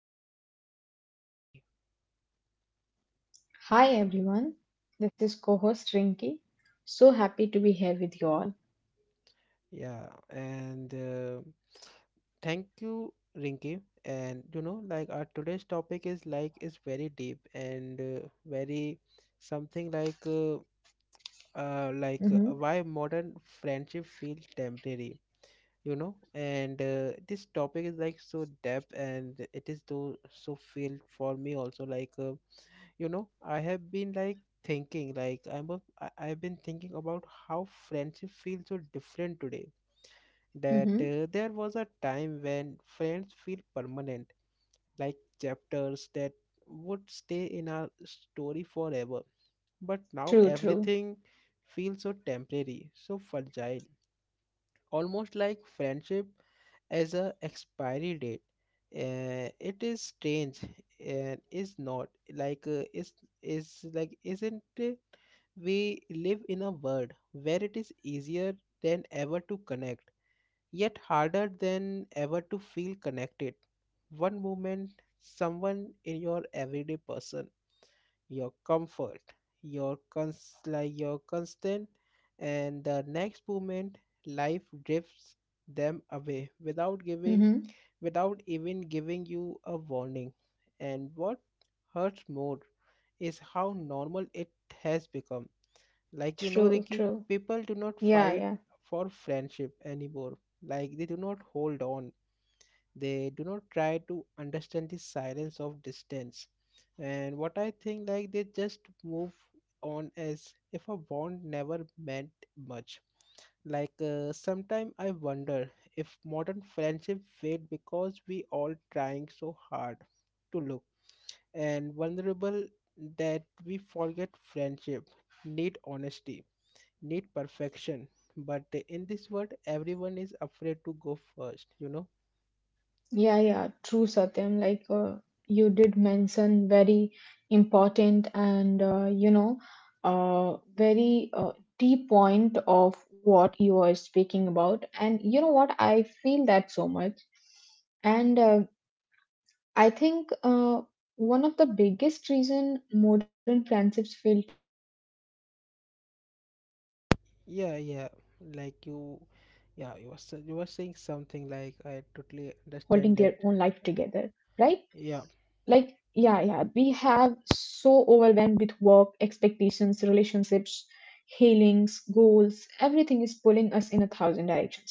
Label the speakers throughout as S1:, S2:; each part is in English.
S1: co host Rinki.
S2: Hi everyone, this is co-host Rinki. So happy to be here with you all.
S1: Yeah, and thank you, Rinki. And you know, like our today's topic is like is very deep and very something like uh, uh, like
S2: Mm-hmm.
S1: uh, why modern friendship feels temporary. You know, and this topic is like so deep, and it is so feel for me also like. You know I have been like thinking like I've been thinking about how friendship feels so different today that
S2: Mm-hmm.
S1: there was a time when friends feel permanent, like chapters that would stay in our story forever, but now
S2: True, true.
S1: everything feels so temporary, so fragile, almost like friendship as a expiry date. Uh, it is strange and is not like is like isn't it? We live in a world where it is easier than ever to connect yet harder than ever to feel connected. One moment someone in your everyday person, your comfort, your constant, and the next moment life drifts them away without
S2: Mm-hmm.
S1: even giving you a warning. And what hurts more is how normal it has become. Like you know,
S2: True,
S1: Ricky,
S2: true.
S1: people do not
S2: Yeah,
S1: fight
S2: yeah,
S1: for friendship anymore. Like they do not hold on, they do not try to understand the silence of distance, and what I think like they just move on as if a bond never meant much. Sometime I wonder if modern friendship fade because we all trying so hard to look and vulnerable that we forget friendship need honesty, need perfection, but in this world everyone is afraid to go first, you know?
S2: yeah, yeah. True, Satyam. Like you did mention, very important and very deep point of what you are speaking about. And you know what? I feel that so much. And I think one of the biggest reason modern friendships feel temporary is because uh,
S1: Yeah, yeah. Like
S2: everyone
S1: you,
S2: is busy
S1: yeah, you were
S2: holding
S1: you
S2: their
S1: were
S2: own
S1: saying
S2: life
S1: something like
S2: together,
S1: I
S2: right?
S1: totally understand that.
S2: Like, yeah, yeah, we
S1: Yeah,
S2: have so overwhelmed with work, expectations, relationships, healings, goals, everything is pulling us in a thousand directions, right?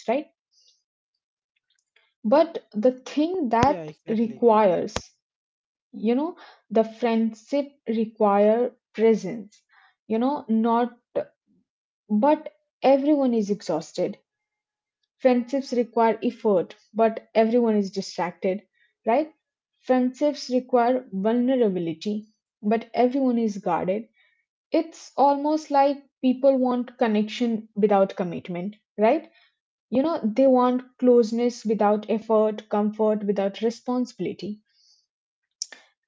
S2: But the thing
S1: yeah,
S2: that
S1: exactly.
S2: requires, you know the friendship require presence, not, but everyone is exhausted. Friendships require effort, but everyone is distracted, right? Friendships require vulnerability, but everyone is guarded. It's almost like people want connection without commitment, right? They want closeness without effort, comfort without responsibility.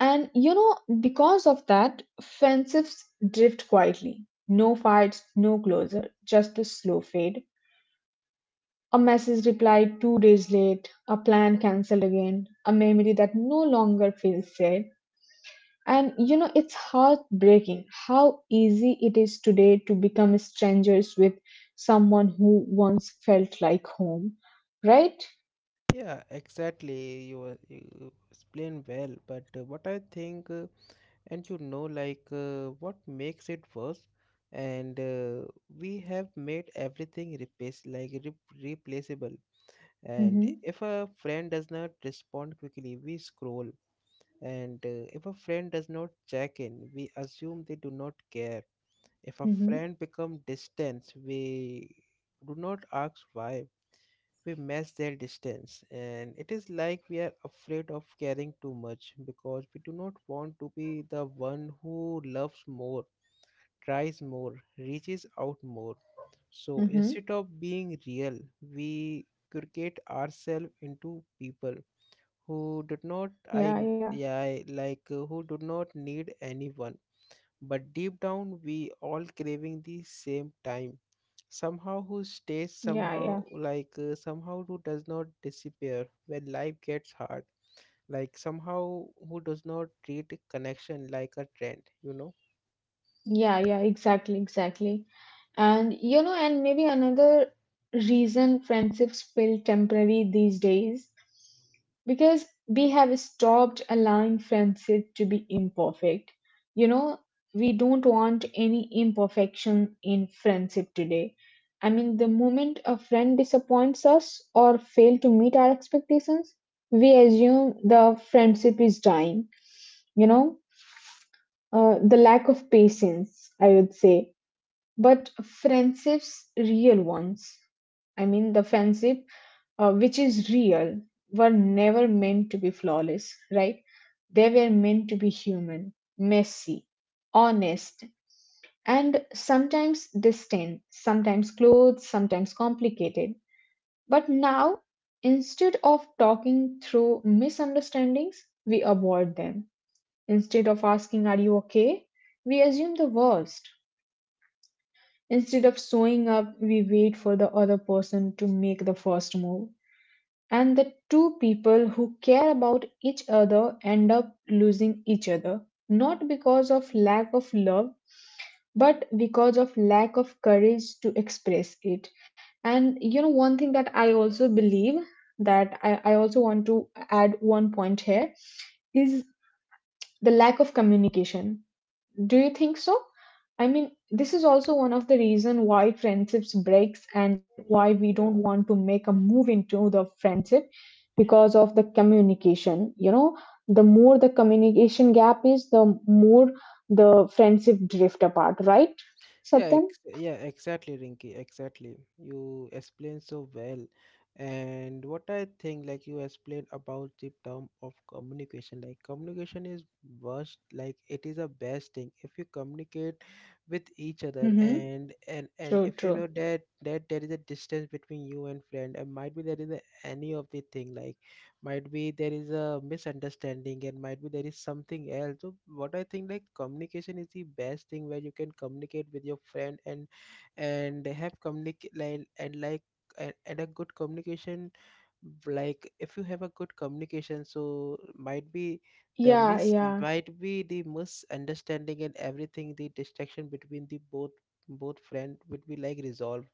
S2: And because of that, friendships drift quietly. No fights, no closure, just a slow fade. A message replied 2 days late, a plan cancelled again, a memory that no longer feels safe. And it's heartbreaking how easy it is today to become strangers with someone who once felt like home, right?
S1: Yeah, exactly. You were you explain well, but what I think, and you know, what makes it worse, and we have made everything replaceable. And
S2: Mm-hmm,
S1: if a friend does not respond quickly, we scroll. And if a friend does not check in, we assume they do not care. If a
S2: mm-hmm,
S1: friend become distant, we do not ask why. We measure their distance, and it is like we are afraid of caring too much because we do not want to be the one who loves more, tries more, reaches out more. So
S2: mm-hmm.
S1: instead of being real, we create ourselves into people who did not I
S2: Yeah, yeah,
S1: yeah who do not need anyone, but deep down, we all craving the same time. Somehow, who stays
S2: yeah,
S1: somehow,
S2: yeah,
S1: somehow, who does not disappear when life gets hard. Like somehow, who does not treat connection like a trend, you know?
S2: yeah, yeah, exactly, exactly. And maybe another reason friendships feel temporary these days, because we have stopped allowing friendship to be imperfect. You know, we don't want any imperfection in friendship today. I mean, the moment a friend disappoints us or fail to meet our expectations, we assume the friendship is dying. You know, the lack of patience, I would say, but friendships, real ones. I mean, the friendship which is real, were never meant to be flawless, right? They were meant to be human, messy, honest, and sometimes distant, sometimes close, sometimes complicated. But now, instead of talking through misunderstandings, we avoid them. Instead of asking, are you okay, we assume the worst. Instead of showing up, we wait for the other person to make the first move. And the two people who care about each other end up losing each other, not because of lack of love, but because of lack of courage to express it. And one thing that I also believe, that I also want to add one point here, is the lack of communication. Do you think so? I mean, this is also one of the reason why friendships breaks and why we don't
S1: Yeah.
S2: want to make a move into the friendship, because of the communication. The more the communication gap is, the more the friendship drift apart, right,
S1: Yeah,
S2: Satyam?
S1: yeah, exactly, Rinky, exactly. You explained so well. And what I think, like you explained about the term of communication, like communication is worst, like it is a best thing if you communicate with each other
S2: Mm-hmm.
S1: and
S2: True,
S1: if you
S2: true.
S1: know that there is a distance between you and friend, and might be there is a, any of the thing like might be there is a misunderstanding and might be there is something else, so what I think like communication is the best thing where you can communicate with your friend and have communicate like and like and a good communication, like if you have a good communication so might be the
S2: Yeah,
S1: mis
S2: yeah,
S1: might be the misunderstanding and everything, the distraction between the both friend would be like resolved.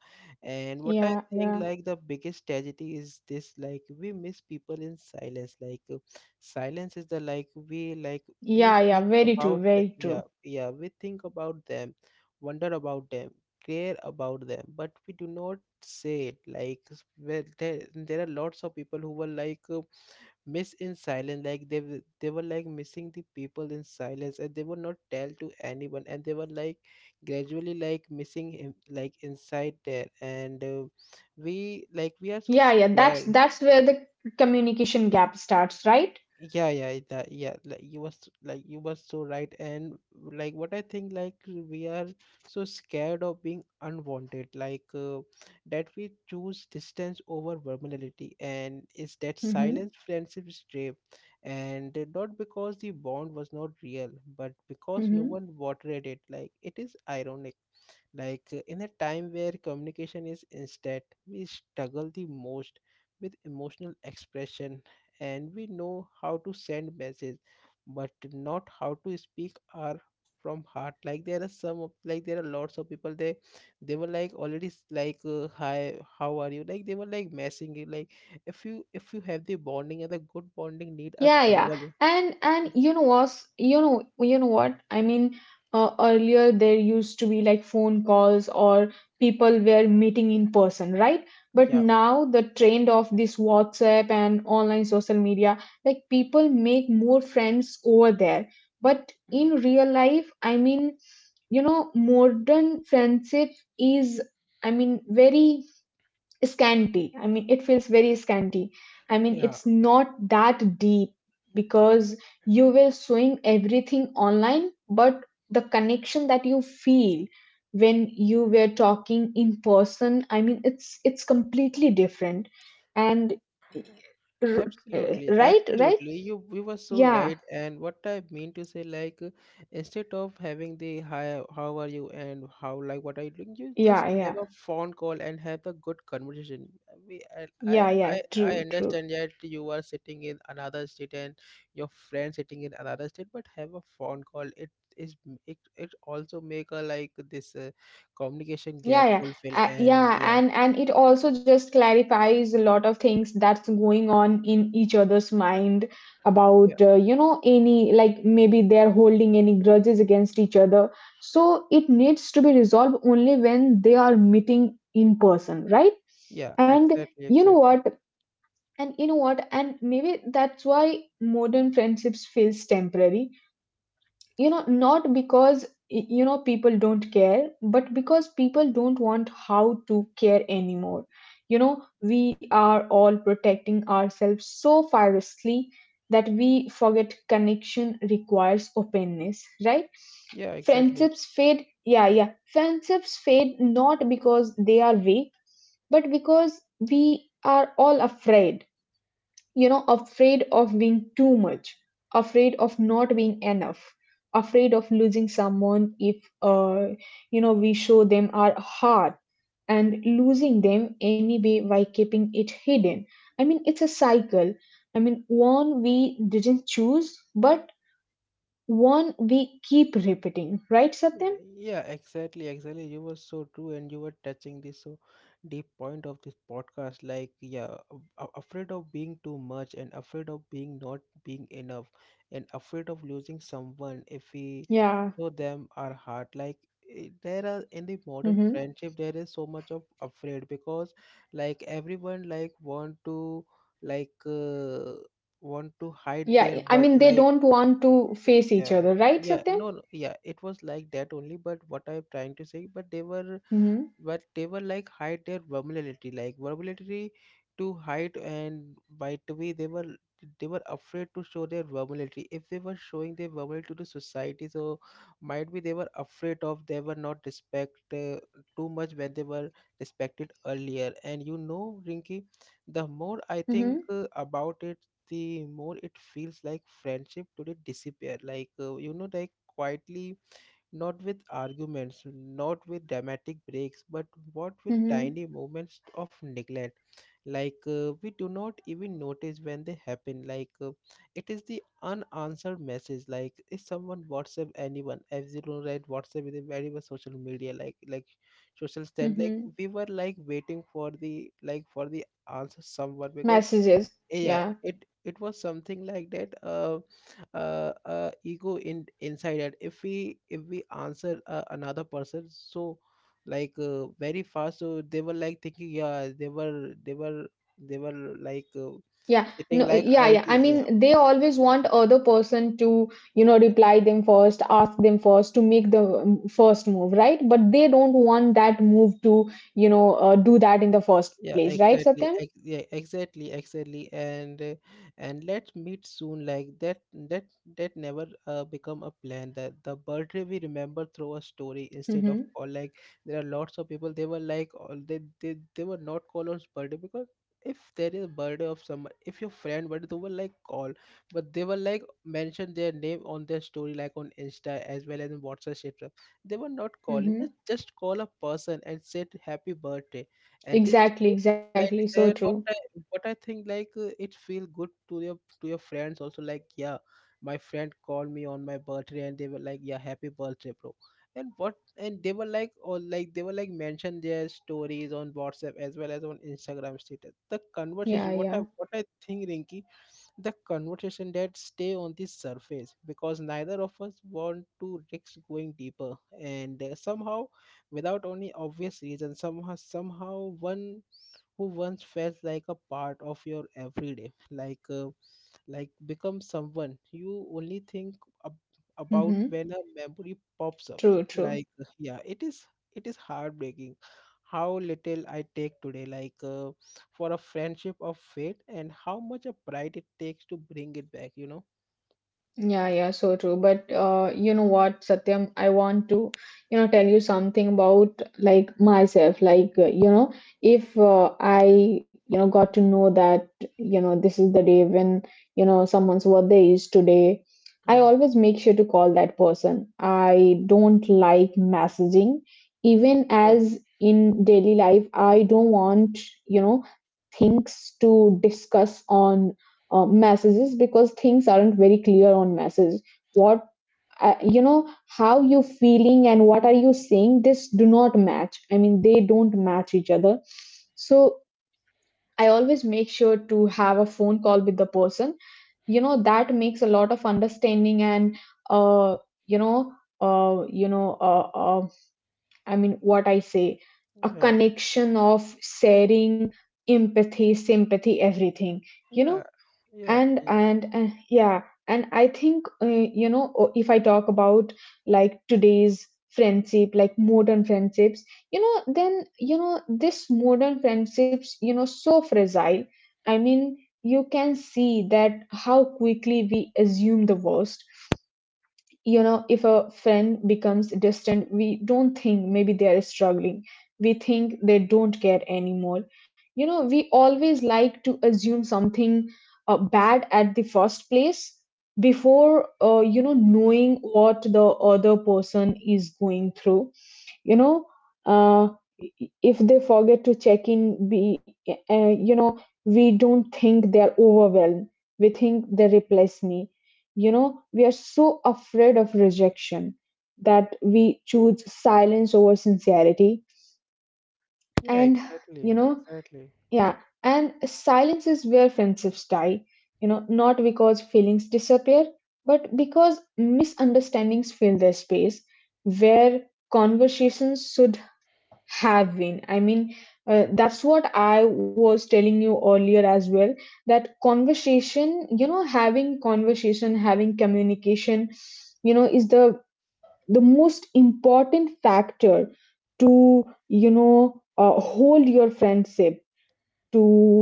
S1: And what I
S2: yeah,
S1: think
S2: yeah.
S1: like the biggest tragedy is this, like we miss people in silence. Silence is the like we
S2: Yeah, yeah,
S1: think
S2: very
S1: about
S2: true,
S1: them.
S2: very
S1: Yeah,
S2: true.
S1: yeah, we think about them, wonder about them, care about them, but we do not say it like where there are lots of people who were miss in silence, like they were like missing the people in silence and they would not tell to anyone and they were like gradually like missing him like inside there. And we like we are so
S2: Yeah, yeah,
S1: scared.
S2: that's where the communication gap starts, right?
S1: Yeah, yeah, that yeah, like you was so right. And like what I think like we are so scared of being unwanted, that we choose distance over vulnerability, and is that
S2: Mm-hmm.
S1: silence friendship strip, and not because the bond was not real, but because no one watered it. Like it is ironic, in a time where communication is instant, we struggle the most with emotional expression. And we know how to send message but not how to speak our from heart. Like there are some of like there are lots of people, they were like already hi how are you like they were like messing it, like if you have the bonding and the good bonding need a
S2: Yeah, yeah.
S1: conver
S2: And you know what? You know what? I mean, earlier there used to be like phone calls or people were meeting in person, right? But
S1: yeah
S2: now the trend of this WhatsApp and online social media, like people make more friends over there. But in real life, I mean, modern friendship is, I mean, very scanty. I mean, it feels very scanty. I mean,
S1: yeah.
S2: it's not that deep because you were showing everything online, but the connection that you feel when you were talking in person, I mean, it's completely different. And
S1: Absolutely,
S2: right, right,
S1: absolutely. You were so
S2: yeah,
S1: right. And what I mean to say, instead of having the hi, how are you, and how like what are you doing, you just
S2: yeah,
S1: have
S2: yeah,
S1: a phone call and have a good conversation. We, I, I,
S2: yeah,
S1: I
S2: yeah.
S1: I
S2: True, true.
S1: understand that you are sitting in another state and your friend sitting in another state, but have a phone call. It is it it also make a like this communication
S2: Yeah,
S1: gap
S2: yeah,
S1: fulfill and
S2: yeah,
S1: yeah
S2: and it also just clarifies a lot of things that's going on in each other's mind
S1: yeah
S2: about any, like maybe they're holding any grudges against each other. So it needs to be resolved only when they are meeting in person, right?
S1: yeah
S2: And
S1: exactly
S2: you know
S1: exactly
S2: what? And you know what? And maybe that's why modern friendships feels temporary, not because people don't care, but because people don't want how to care anymore. You know we are all protecting ourselves so fiercely that we forget connection requires openness, right?
S1: yeah exactly.
S2: Friendships fade, yeah, yeah, friendships fade, not because they are weak, but because we are all afraid. Afraid of being too much, afraid of not being enough, afraid of losing someone if we show them our heart, and losing them anyway by keeping it hidden. I mean, it's a cycle. I mean, one we didn't choose, but one we keep repeating, right,
S1: Yeah,
S2: Satyam?
S1: yeah, exactly, exactly. You were so true, and you were touching this so deep point of this podcast. Like, yeah, afraid of being too much, and afraid of being not being enough, and afraid of losing someone if
S2: Yeah.
S1: we show them our heart. Like, eh, there are in the
S2: Mm-hmm.
S1: modern friendship, there is so much of afraid because, like, everyone like want to like uh, want to hide their
S2: Yeah, I
S1: but
S2: mean they
S1: like
S2: don't want to face each
S1: yeah
S2: other, right,
S1: yeah
S2: Satyam?
S1: no, no yeah it was like that only, but what I'm trying to say, but they were
S2: Mm-hmm.
S1: like hide their vulnerability, like vulnerability to hide, and by the way they were afraid to show their vulnerability. If they were showing their vulnerability to society so might be they were afraid of they were not respect too much when they were respected earlier. And you know Rinky, the more I think
S2: Mm-hmm.
S1: about it, the more it feels like friendship today disappear, you know, like quietly, not with arguments, not with dramatic breaks, but what with
S2: Mm-hmm.
S1: tiny moments of neglect. We do not even notice when they happen. It is the unanswered message. Like if someone WhatsApp anyone, if you don't write WhatsApp is a very much social media, like social stand. Like
S2: Mm-hmm.
S1: we were like waiting for the like for the answer someone because
S2: Messages.
S1: yeah
S2: Yeah,
S1: it was something like that ego in inside that if we answer another person so very fast so they were like thinking yeah they were they were like uh,
S2: yeah.
S1: sitting
S2: No,
S1: like
S2: yeah, yeah, I
S1: idly
S2: mean they always want other person to reply them first, ask them first, to make the first move, right? But they don't want that move to
S1: yeah.
S2: do that in the first
S1: Yeah,
S2: place, right, Satyam?
S1: exactly. Ex yeah, exactly, exactly. And let's meet soon. Like that, that that never become a plan. That the birthday we remember through a story instead of
S2: Mm-hmm,
S1: or like there are lots of people. They were like all they were not call on birthday, because if there is a birthday of someone, if your friend birthday, they were like call, but they were like mention their name on their story like on Insta as well as in WhatsApp. etc. They were not calling.
S2: mm-hmm.
S1: Just call a person and said happy birthday, and this.
S2: Exactly, exactly,
S1: Right,
S2: so
S1: and
S2: true.
S1: what I think it feel good to your friends also like yeah, my friend called me on my birthday and they were like yeah happy birthday bro, and what and they were like or like they were like mention their stories on WhatsApp as well as on Instagram status. The
S2: Yeah,
S1: conversation,
S2: yeah.
S1: what I think Rinky, the conversation that stay on the surface because neither of us want to risk going deeper. And somehow without any obvious reason, somehow one who once felt like a part of your everyday, like become someone you only think ab- about
S2: Mm-hmm.
S1: when a memory pops up.
S2: True, true.
S1: Yeah, it is, it is heartbreaking how little I take today, for a friendship of fate, and how much a pride it takes to bring it back, you know?
S2: Yeah, yeah, so true. But you know what, Satyam, I want to, tell you something about like myself. Like, if I, got to know that, this is the day when, someone's birthday is today, I
S1: Yeah
S2: always make sure to call that person. I don't like messaging. Even
S1: yeah
S2: as in daily life, I don't want, you know, things to discuss on messages, because things aren't very clear on message. What uh, you know how you feeling and what are you saying, this do not match. I mean, they don't match each other. So I always make sure to have a phone call with the person. You know, that makes a lot of understanding, and uh you know uh you know uh, uh I mean, what I say, a
S1: yeah
S2: connection of sharing, empathy, sympathy, everything, you know.
S1: yeah yeah
S2: and
S1: yeah
S2: and uh, yeah. And I think, if I talk about like today's friendship, like modern friendships, then this modern friendships, so fragile. I mean, you can see that how quickly we assume the worst. You know, if a friend becomes distant, we don't think maybe they are struggling, we think they don't care anymore. You know, we always like to assume something bad at the first place, before knowing what the other person is going through. you know uh, if they forget to check in, be you know we don't think they are overwhelmed, we think they replace me. We are so afraid of rejection, that we choose silence over sincerity.
S1: yeah
S2: And
S1: exactly
S2: you know
S1: exactly
S2: yeah, and silence is where friendships die, you know, not because feelings disappear, but because misunderstandings fill their space where conversations should have been. I mean, that's what I was telling you earlier as well, that conversation, having conversation, having communication, is the most important factor to, hold your friendship, to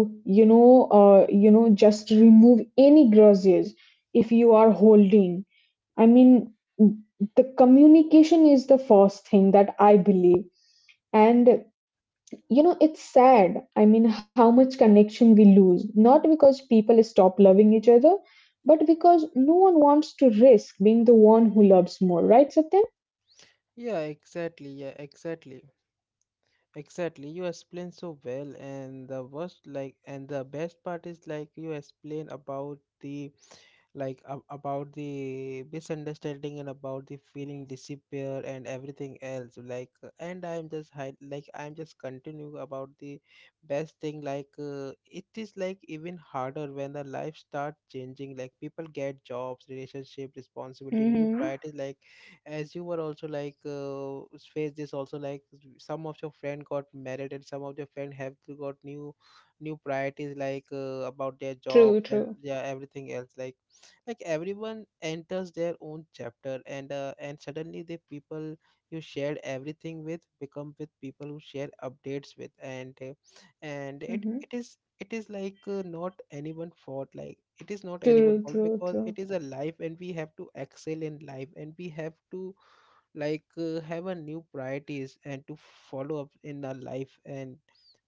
S2: just remove any grudges if you are holding. I mean, the communication is the first thing that I believe. And it's sad, I mean, how much connection we lose, not because people stop loving each other, but because no one wants to risk being the one who loves more, right, Satyam?
S1: yeah exactly yeah exactly. Exactly, you explain so well, and the worst like and the best part is like you explain about the like a about the misunderstanding and about the feeling disappear and everything else like, and I'm just hide. I'm just continue about the best thing like it is like even harder when the life start changing like people get jobs, relationship, responsibility, new
S2: Hmm.
S1: priorities, like as you were also like face this also, like some of your friend got married and some of your friend have got new priorities like about their
S2: True,
S1: jobs and
S2: true.
S1: yeah everything else, like everyone enters their own chapter, and suddenly the people you shared everything with become with people who share updates with, and it
S2: Mm-hmm.
S1: it is it is like not anyone fault, like it is not anyone
S2: True,
S1: fault,
S2: true,
S1: because
S2: true.
S1: it is a life and we have to excel in life, and we have to like have a new priorities and to follow up in our life and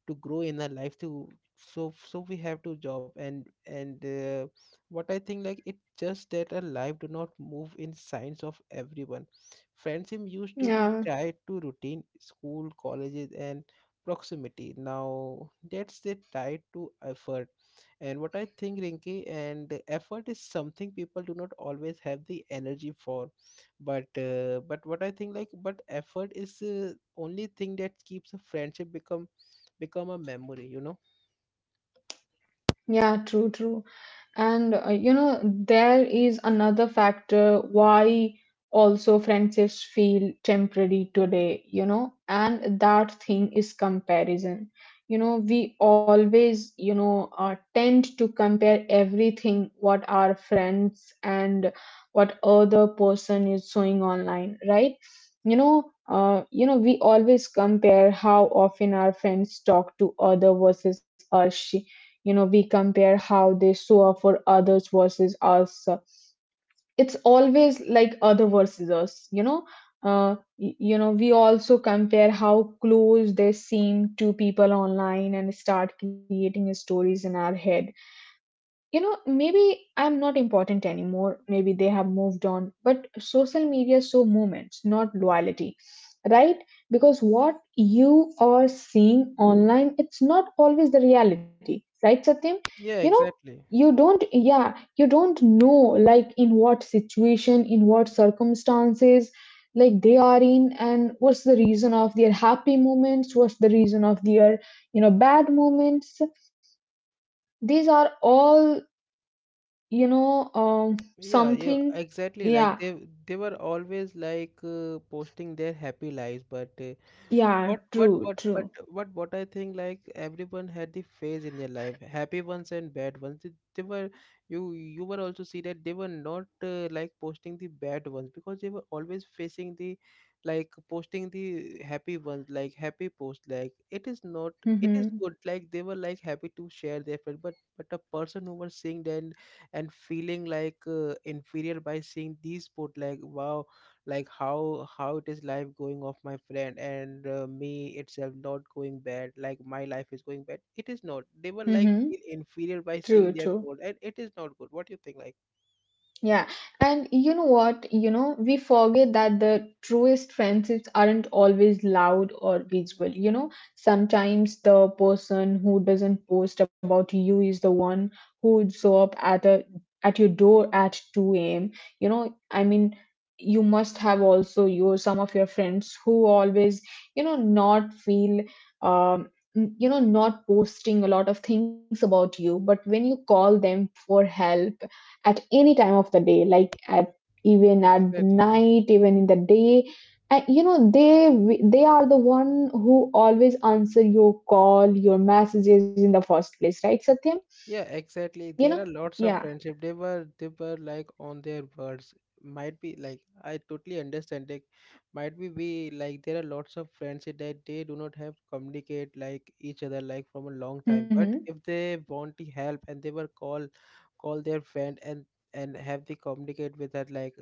S1: to grow in our life to so we have to job and what I think like it just that our life do not move in signs of everyone. Friendship used to be
S2: Yeah.
S1: tied to routine, school, colleges, and proximity. Now that's it tied to effort, and what I think, Rinki, and the effort is something people do not always have the energy for. But what I think, like, but effort is only thing that keeps a friendship become become a memory, you know.
S2: Yeah, true, true. And there is another factor why also friendships feel temporary today, and that thing is comparison. We always, tend to compare everything what our friends and what other person is showing online, right? We always compare how often our friends talk to other versus us. You know, we compare how they show up for others versus us. It's always like other versus us, you know. We also compare how close they seem to people online and start creating stories in our head. You know maybe I'm not important anymore, maybe they have moved on, but social media show moments, not loyalty, right? Because what you are seeing online, it's not always the reality, right, Satyam? You know,
S1: Yeah, exactly.
S2: you don't yeah you don't know like in what situation, in what circumstances like they are in, and what's the reason of their happy moments, what's the reason of their, bad moments. These are all,
S1: Yeah, yeah,
S2: something.
S1: exactly. Like
S2: Yeah,
S1: they were always like posting their happy lives, but
S2: yeah,
S1: what but
S2: true,
S1: but but
S2: true.
S1: what I think like everyone had the phase in their life, happy ones and bad ones. They were you were also see that they were not like posting the bad ones because they were always facing the like posting the happy ones, like happy post, like it is not it is
S2: Mm-hmm,
S1: good, like they were like happy to share their friend, but a person who was seeing that and feeling like inferior by seeing these put, like wow, like how it is life going off my friend, and me itself not going bad, like my life is going bad, it is not, they were like
S2: mm-hmm,
S1: feel inferior by
S2: true,
S1: seeing their
S2: true.
S1: put and it is not good. What do you think like?
S2: Yeah, and you know what? You know, we forget that the truest friendships aren't always loud or visual. You know, sometimes the person who doesn't post about you is the one who would show up at a at your door at 2 a.m. You know, I mean, you must have also your some of your friends who always, you know, not feel um you know not posting a lot of things about you. But when you call them for help at any time of the day, like at even at the
S1: Exactly.
S2: night, even in the day. And you know, they are the one who always answer your call, your messages in the first place, right, Satyam?
S1: Yeah, exactly.
S2: You know,
S1: There are lots of
S2: yeah.
S1: friendship. They were like on their words. Might be like I totally understand. Like might be we like there are lots of friends that they do not have communicate like each other like from a long time.
S2: Mm-hmm.
S1: But if they want the help and they were call call their friend and have the communicate with that, like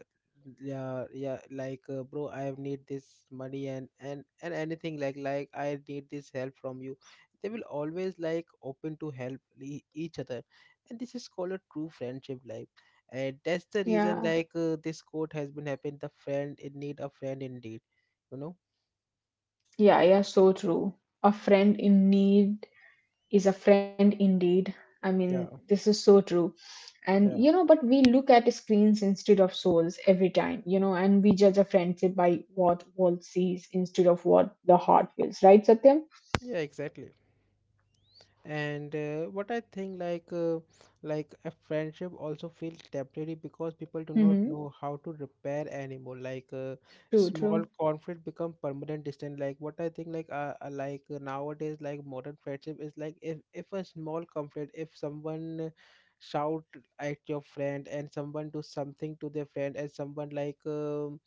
S1: yeah, yeah, like bro, I have need this money, and anything, like I need this help from you. They will always like open to help each other, and this is called a true friendship. Like and that's the
S2: Yeah,
S1: reason like this quote has been happened, the friend in need a friend indeed, you know.
S2: yeah, yeah, so true. A friend in need is a friend indeed. I mean,
S1: Yeah,
S2: this is so true. And you
S1: yeah,
S2: know, but we look at screens instead of souls every time, you know, and we judge a friendship by what world sees instead of what the heart feels, right, Satyam?
S1: yeah, exactly. And what I think like a friendship also feels temporary because people do not
S2: Mm-hmm.
S1: know how to repair anymore, like
S2: True, true.
S1: small conflict become permanent distance. Like what I think like nowadays, like modern friendship is like, if a small conflict, if someone shout at your friend and someone do something to their friend and someone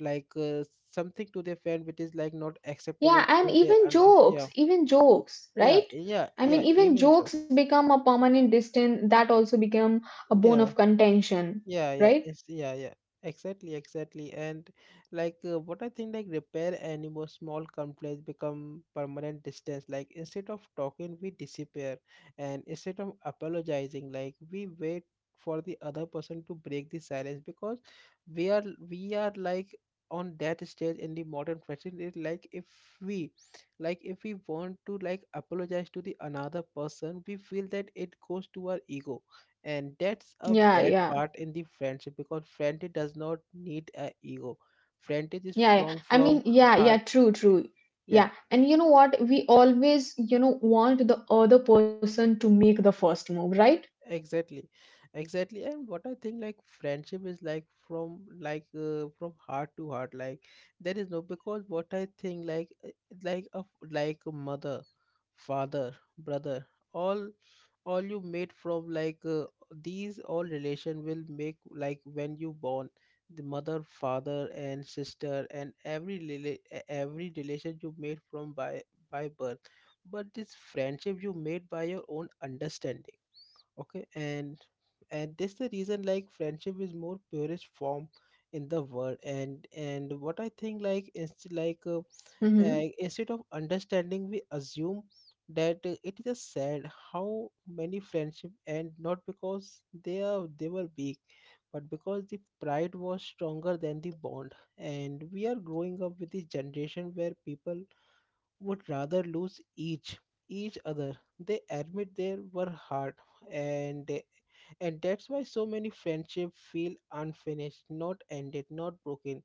S1: like something to their friend which is like not acceptable
S2: Yeah, and
S1: to their, and yeah,
S2: even jokes,
S1: yeah
S2: right?
S1: yeah
S2: I mean,
S1: yeah
S2: even
S1: even so.
S2: jokes become a permanent distance that also become a bone
S1: Yeah,
S2: of contention,
S1: yeah, yeah.
S2: right?
S1: It's yeah, yeah. Exactly, exactly. And like what I think, like repair anymore, small complaints become permanent distance. Like instead of talking, we disappear, and instead of apologizing, like we wait for the other person to break the silence because we are we are like on that stage in the modern fashion. It we like if we want to like apologize to the another person, we feel that it goes to our ego, and that's a
S2: Yeah,
S1: bad
S2: yeah.
S1: part in the friendship because friendship does not need a ego. Friendship is
S2: Yeah, yeah. I
S1: from
S2: mean, yeah, yeah,
S1: heart.
S2: true, true.
S1: Yeah,
S2: Yeah. And you know what? We always, you know, want the other person to make the first move, right?
S1: exactly, exactly. And what I think like friendship is like from, like from heart to heart, like there is no, because what I think, like a like a mother, father, brother, all all you made from, like these all relation will make like when you born, the mother, father, and sister, and every every relation you made from by birth, but this friendship you made by your own understanding. Okay, and this the reason like friendship is more purest form in the world. And what I think like
S2: Mm-hmm.
S1: instead of understanding, we assume that it is a sad how many friendship end, not because they were weak, but because the pride was stronger than the bond, and we are growing up with this generation where people would rather lose each other, they admit they were hard. and and that's why so many friendships feel unfinished, not ended, not broken,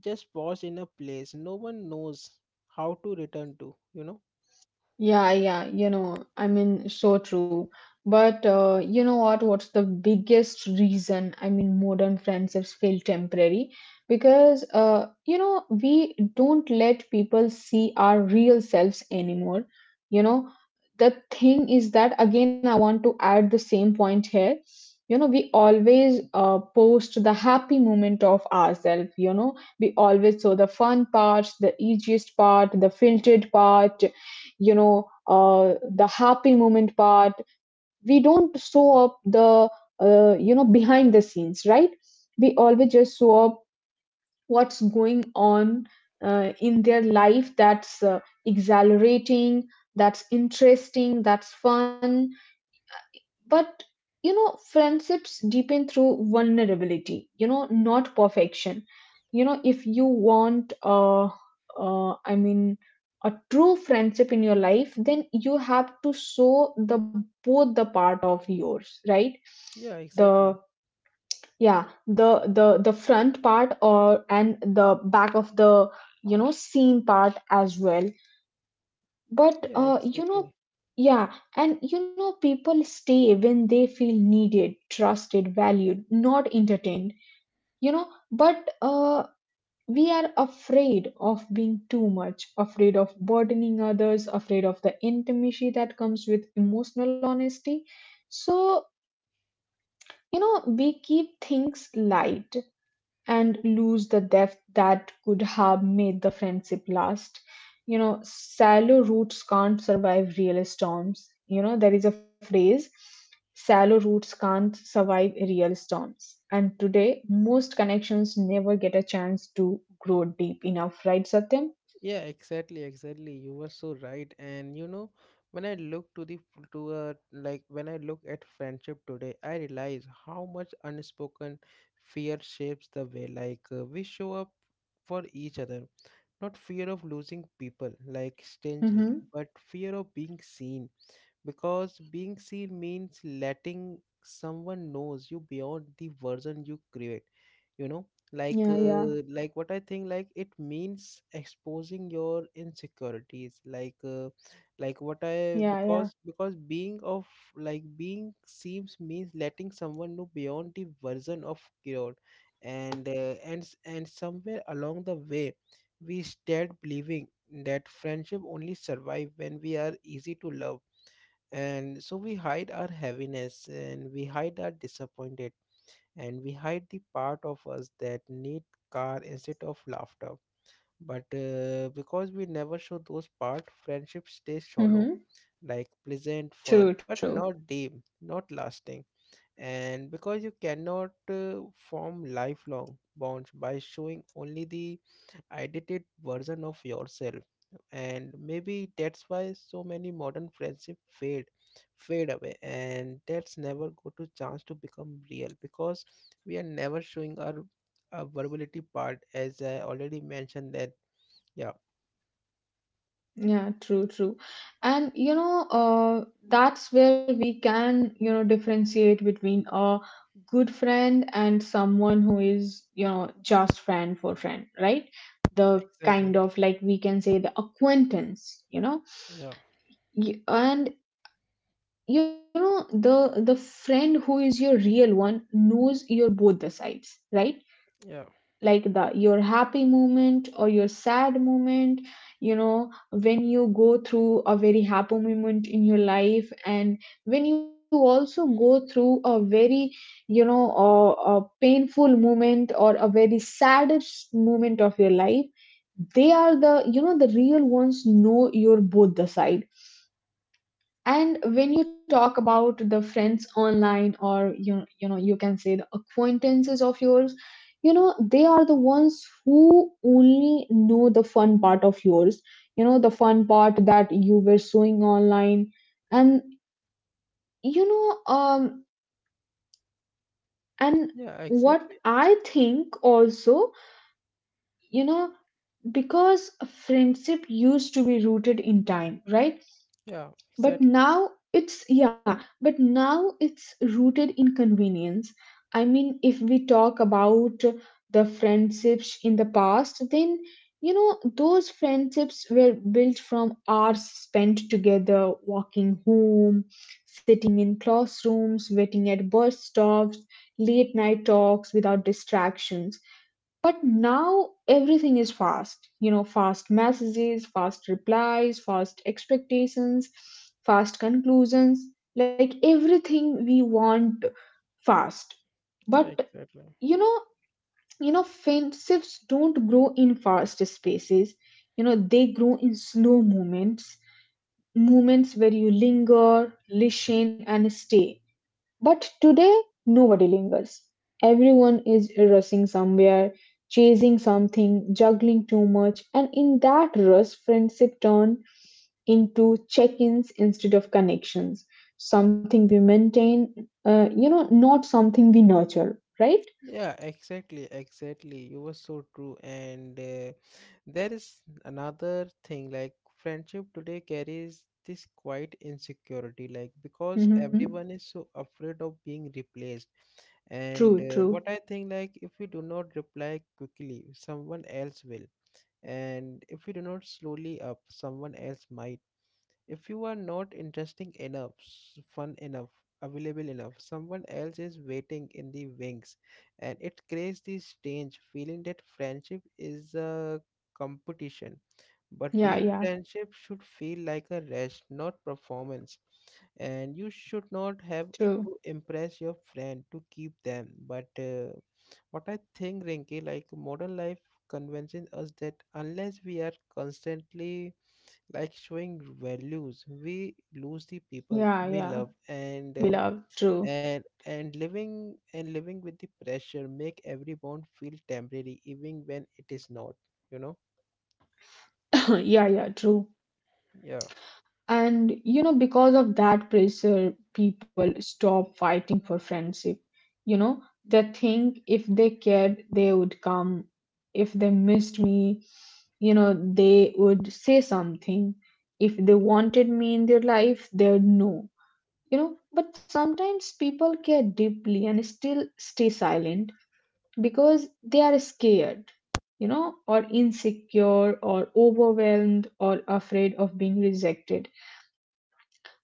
S1: just paused in a place no one knows how to return to, you know.
S2: Yeah, yeah, you know, I mean, so true. But you know what? What's the biggest reason? I mean, modern friendships feel temporary because you know, we don't let people see our real selves anymore. You know, the thing is that again, I want to add the same point here. You know, we always post the happy moment of ourselves. You know, we always show the fun parts, the easiest part, the filtered part, you know, the happy moment part. We don't show up the you know, behind the scenes, right? We always just show up what's going on in their life, that's exhilarating, that's interesting, that's fun. But you know, friendships deepen through vulnerability, you know, not perfection. You know, if you want, I mean, a true friendship in your life, then you have to show the both the part of yours, right?
S1: Yeah,
S2: The
S1: exactly.
S2: yeah, the front part or and the back of the, you know, scene part as well. But
S1: Yeah,
S2: you know,
S1: exactly.
S2: yeah, and you know, people stay when they feel needed, trusted, valued, not entertained, you know. But we are afraid of being too much, afraid of burdening others, afraid of the intimacy that comes with emotional honesty. So, you know, we keep things light and lose the depth that could have made the friendship last. You know, shallow roots can't survive real storms. You know, there is a phrase shallow roots can't survive real storms. And today, most connections never get a chance to grow deep enough, right, Satyam?
S1: Yeah, exactly, exactly. You were so right. And you know, when I look to the to a like when I look at friendship today, I realize how much unspoken fear shapes the way like we show up for each other. Not fear of losing people, like strangely,
S2: Mm-hmm.
S1: but fear of being seen, because being seen means letting someone knows you beyond the version you create, you know. Like
S2: Yeah, yeah,
S1: like what I think, like it means exposing your insecurities, like what I,
S2: yeah, yeah.
S1: because being of, like being seems means letting someone know beyond the version of cured. And and somewhere along the way, we start believing that friendship only survive when we are easy to love, and so we hide our heaviness and we hide our disappointed and we hide the part of us that need car instead of laughter. But because we never show those part, friendship stays shallow,
S2: Mm-hmm.
S1: like pleasant fun,
S2: True,
S1: but
S2: true.
S1: not deep, not lasting. And because you cannot form lifelong bonds by showing only the edited version of yourself, and maybe that's why so many modern friendships fade away, and that's never go to chance to become real because we are never showing our verbality part, as I already mentioned that. Yeah,
S2: Yeah, true, true. And you know, that's where we can, you know, differentiate between a good friend and someone who is, you know, just friend for friend, right? The
S1: exactly.
S2: kind of like we can say the acquaintance, you know.
S1: Yeah,
S2: And you know, the friend who is your real one knows your both the sides, right?
S1: yeah,
S2: Like the your happy moment or your sad moment, you know, when you go through a very happy moment in your life, and when you also go through a very, you know, a painful moment or a very saddest moment of your life, they are the, you know, the real ones know your both the side. And when you talk about the friends online, or you know, you can say the acquaintances of yours, you know, they are the ones who only know the fun part of yours, you know, the fun part that you were showing online. And you know, and
S1: yeah,
S2: what
S1: exactly.
S2: I think also, you know, because friendship used to be rooted in time, right?
S1: Yeah,
S2: But
S1: exactly.
S2: now it's yeah, but now it's rooted in convenience. I mean, if we talk about the friendships in the past, then you know, those friendships were built from hours spent together, walking home, sitting in classrooms, waiting at bus stops, late night talks without distractions. But now everything is fast. You know, fast messages, fast replies, fast expectations, fast conclusions. Like everything we want fast.
S1: Yeah,
S2: But
S1: exactly.
S2: you know, friendships don't grow in fast spaces. You know, they grow in slow moments, moments where you linger, listen, and stay. But today, nobody lingers. Everyone is rushing somewhere, chasing something, juggling too much, and in that rush, friendship turn into check-ins instead of connections. Something we maintain, you know, not something we nurture, right?
S1: Yeah, exactly, exactly. You were so true. And there is another thing like friendship today carries this quite insecurity, like because
S2: Mm-hmm.
S1: everyone is so afraid of being replaced.
S2: True,
S1: And
S2: true.
S1: what I think, like, if we do not reply quickly, someone else will. And if we do not slowly up, someone else might. If you are not interesting enough, fun enough, available enough, someone else is waiting in the wings, and it creates this strange feeling that friendship is a competition. But
S2: Yeah,
S1: real
S2: yeah,
S1: friendship should feel like a rest, not performance. And you should not have
S2: true.
S1: to impress your friend to keep them. But what I think, Rinky, like modern life convinces us that unless we are constantly like showing values, we lose the people
S2: Yeah,
S1: we
S2: yeah.
S1: love. And
S2: We love, true.
S1: and living with the pressure make every bond feel temporary even when it is not, you know.
S2: Yeah, yeah, true.
S1: Yeah,
S2: And you know, because of that pressure, people stop fighting for friendship. You know, they think if they cared, they would come. If they missed me, you know, they would say something. If they wanted me in their life, they would know. You know, but sometimes people care deeply and still stay silent because they are scared, you know, or insecure, or overwhelmed, or afraid of being rejected.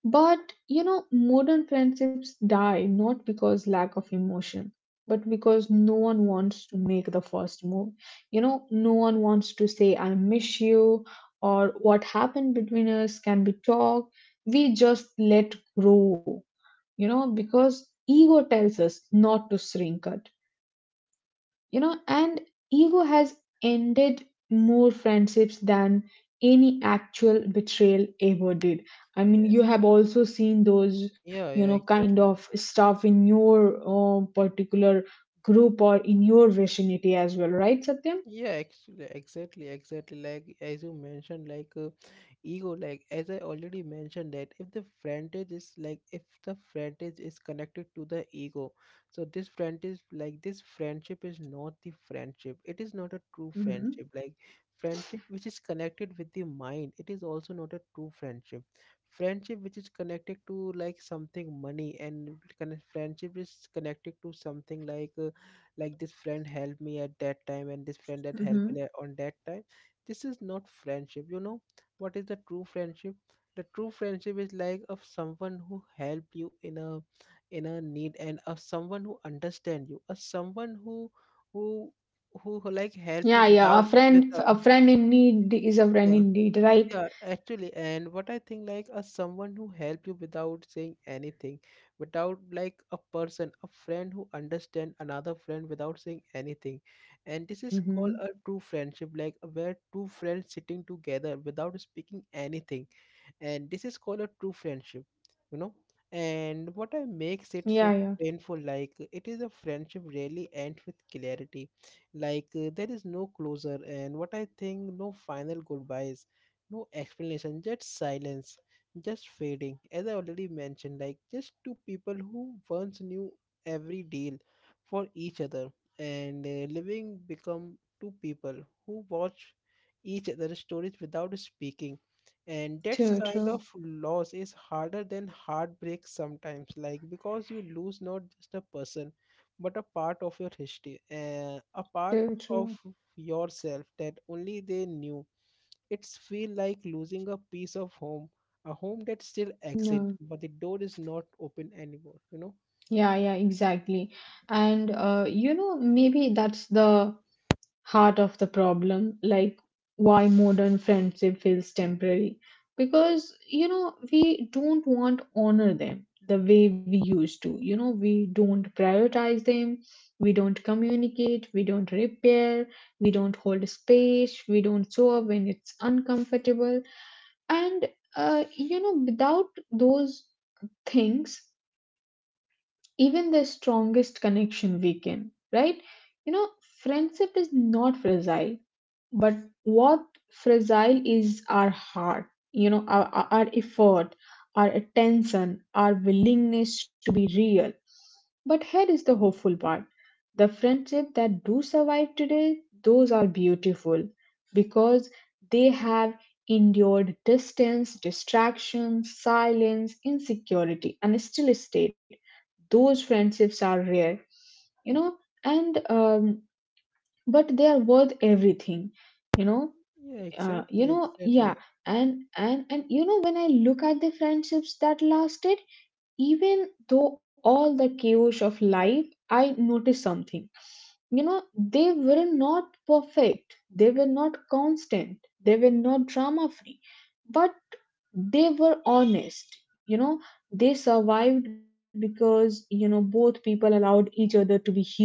S2: But you know, modern friendships die not because lack of emotion, but because no one wants to make the first move. You know, no one wants to say, "I miss you," or what happened between us can be talked. We just let grow, you know, because ego tells us not to shrink it. You know, and ego has ended more friendships than any actual betrayal ever did. I
S1: yeah,
S2: mean, you have also seen those,
S1: yeah,
S2: you know,
S1: yeah,
S2: kind
S1: exactly.
S2: of stuff in your particular group or in your vicinity as well, right, Satyam?
S1: Yeah, actually, exactly, exactly. Like as you mentioned, like ego, like as I already mentioned that if the frontage is like if the frontage is connected to the ego, so this frontage, like this friendship is not the friendship, it is not a true
S2: Mm-hmm.
S1: friendship. Like friendship which is connected with the mind, it is also not a true friendship. Friendship which is connected to like something money and kind, friendship is connected to something, like this friend helped me at that time and this friend that
S2: Mm-hmm.
S1: helped me on that time, this is not friendship, you know. What is the true friendship? The true friendship is like of someone who help you in a need, and of someone who understand you, of someone who who who like help you
S2: Yeah, yeah, a
S1: without with
S2: friend
S1: a,
S2: a friend in need is a friend
S1: yeah.
S2: indeed, right?
S1: Yeah, actually, and what I think like a someone who help you without saying anything, without, like a person, a friend who understand another friend without saying anything, and this is called
S2: Mm-hmm.
S1: a true friendship. Like where two friends sitting together without speaking anything, and this is called a true friendship, you know. And what I makes it so
S2: Yeah, yeah,
S1: painful, like it is a friendship really ends with clarity. Like there is no closure, and what I think, no final goodbyes, no explanation, just silence, just fading, as I already mentioned, like just two people who once knew every deal for each other, and Living become two people who watch each other's stories without speaking. And that's
S2: true,
S1: kind of
S2: true,
S1: loss is harder than heartbreak sometimes, like because you lose not just a person but a part of your history, a part
S2: true, true,
S1: of yourself that only they knew. It's feel like losing a piece of home, a home that still exists
S2: yeah.
S1: but the door is not open anymore, you know?
S2: Yeah, yeah, exactly. And you know, maybe that's the heart of the problem, like why modern friendship feels temporary. Because, you know, we don't want to honor them the way we used to. You know, we don't prioritize them, we don't communicate, we don't repair, we don't hold space, we don't show up when it's uncomfortable. And, you know, without those things, even the strongest connection weaken, right? You know, friendship is not fragile, but what fragile is our heart, you know, our effort, our attention, our willingness to be real. But here is the hopeful part, the friendships that do survive today, those are beautiful because they have endured distance, distraction, silence, insecurity, and still stayed. Those friendships are rare, you know. And but they are worth everything, you know.
S1: yeah
S2: You
S1: exactly
S2: know,
S1: exactly
S2: yeah. And you know, when I look at the friendships that lasted, even though all the chaos of life, I noticed something. You know, they were not perfect, they were not constant, they were not drama free, but they were honest. You know, they survived because, you know, both people allowed each other to be human.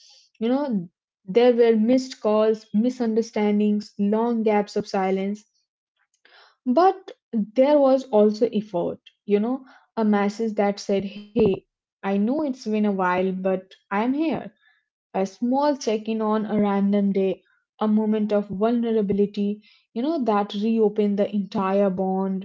S2: You know, there were missed calls, misunderstandings, long gaps of silence, but there was also effort, you know, a message that said, "Hey, I know it's been a while, but I'm here," a small check in on a random day, a moment of vulnerability, you know, that reopen the entire bond.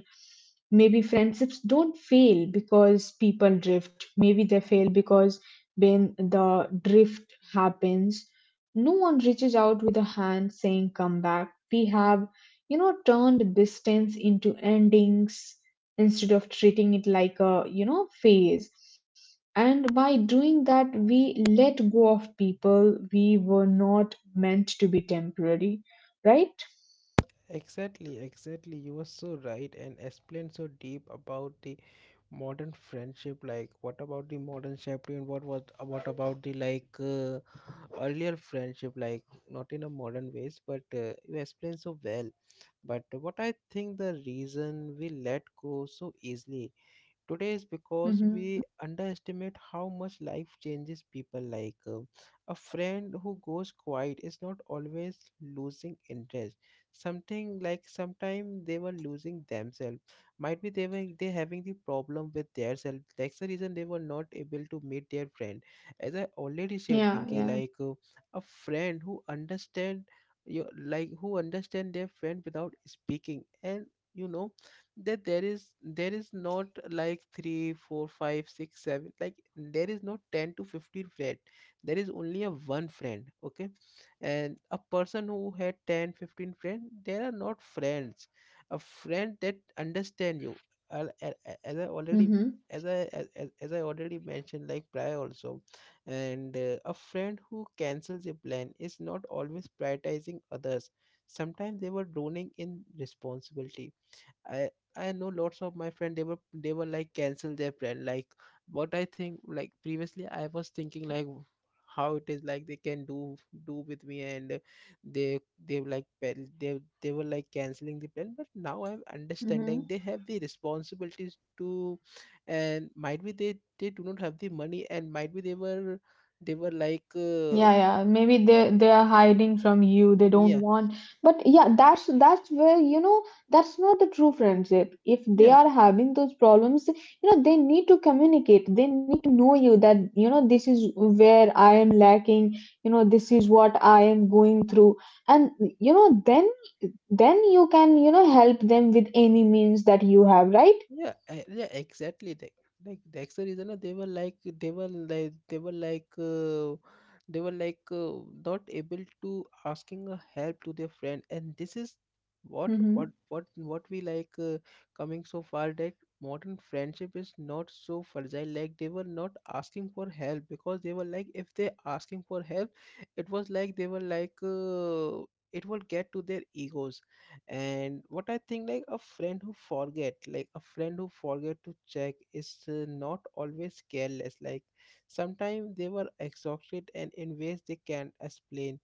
S2: Maybe friendships don't fail because people drift. Maybe they fail because when the drift happens, no one reaches out with a hand saying, "Come back." We have, you know, turned distance into endings instead of treating it like a, you know, phase. And by doing that, we let go of people we were not meant to be temporary, right?
S1: exactly exactly You were so right and explained so deep about the modern friendship. Like what about the modern safety and what was what about the, like earlier friendship, like not in a modern ways? But you explained so well. But what I think, the reason we let go so easily today is because
S2: Mm-hmm.
S1: we underestimate how much life changes people, like a friend who goes quiet is not always losing interest. Something like sometime they were losing themselves. Might be they were they having the problem with their self, that's the reason they were not able to meet their friend, as I already said,
S2: Yeah,
S1: Rinky.
S2: yeah.
S1: Like a friend who understand your, like who understand their friend without speaking, and you know that there is not like three, four, five, six, seven. Like there is not 10 to 15 friend, there is only a one friend, okay? And a person who had ten fifteen 15 friend, they are not friends. A friend that understand you. As I already
S2: Mm-hmm.
S1: as I already mentioned, like prior also. And a friend who cancels a plan is not always prioritizing others, sometimes they were drowning in responsibility. I I know lots of my friend, they were like cancel their plan. Like what I think, like previously I was thinking like how it is, like they can do do with me, and they they were like they were like canceling the plan, but now I'm understanding they
S2: Mm-hmm.
S1: have the responsibilities to. And might be they do not have the money, and might be they were they were like uh,
S2: Yeah, yeah. Maybe they are hiding from you. They don't
S1: yeah,
S2: want. But yeah, that's where you know, that's not the true friendship. If they
S1: yeah.
S2: are having those problems, you know they need to communicate. They need to know you that, you know, this is where I am lacking. You know, this is what I am going through, and you know, then you can, you know, help them with any means that you have, right?
S1: Yeah, yeah, exactly. That Like that's the reason, they were like they were like they were like they were like not able to asking a help to their friend. And this is what
S2: Mm-hmm.
S1: what what what we, like coming so far that modern friendship is not so fragile. Like they were not asking for help because they were like if they asking for help, it was like they were like, it will get to their egos. And what I think, like a friend who forget to check is not always careless. Like sometimes they were exhausted and in ways they can't explain.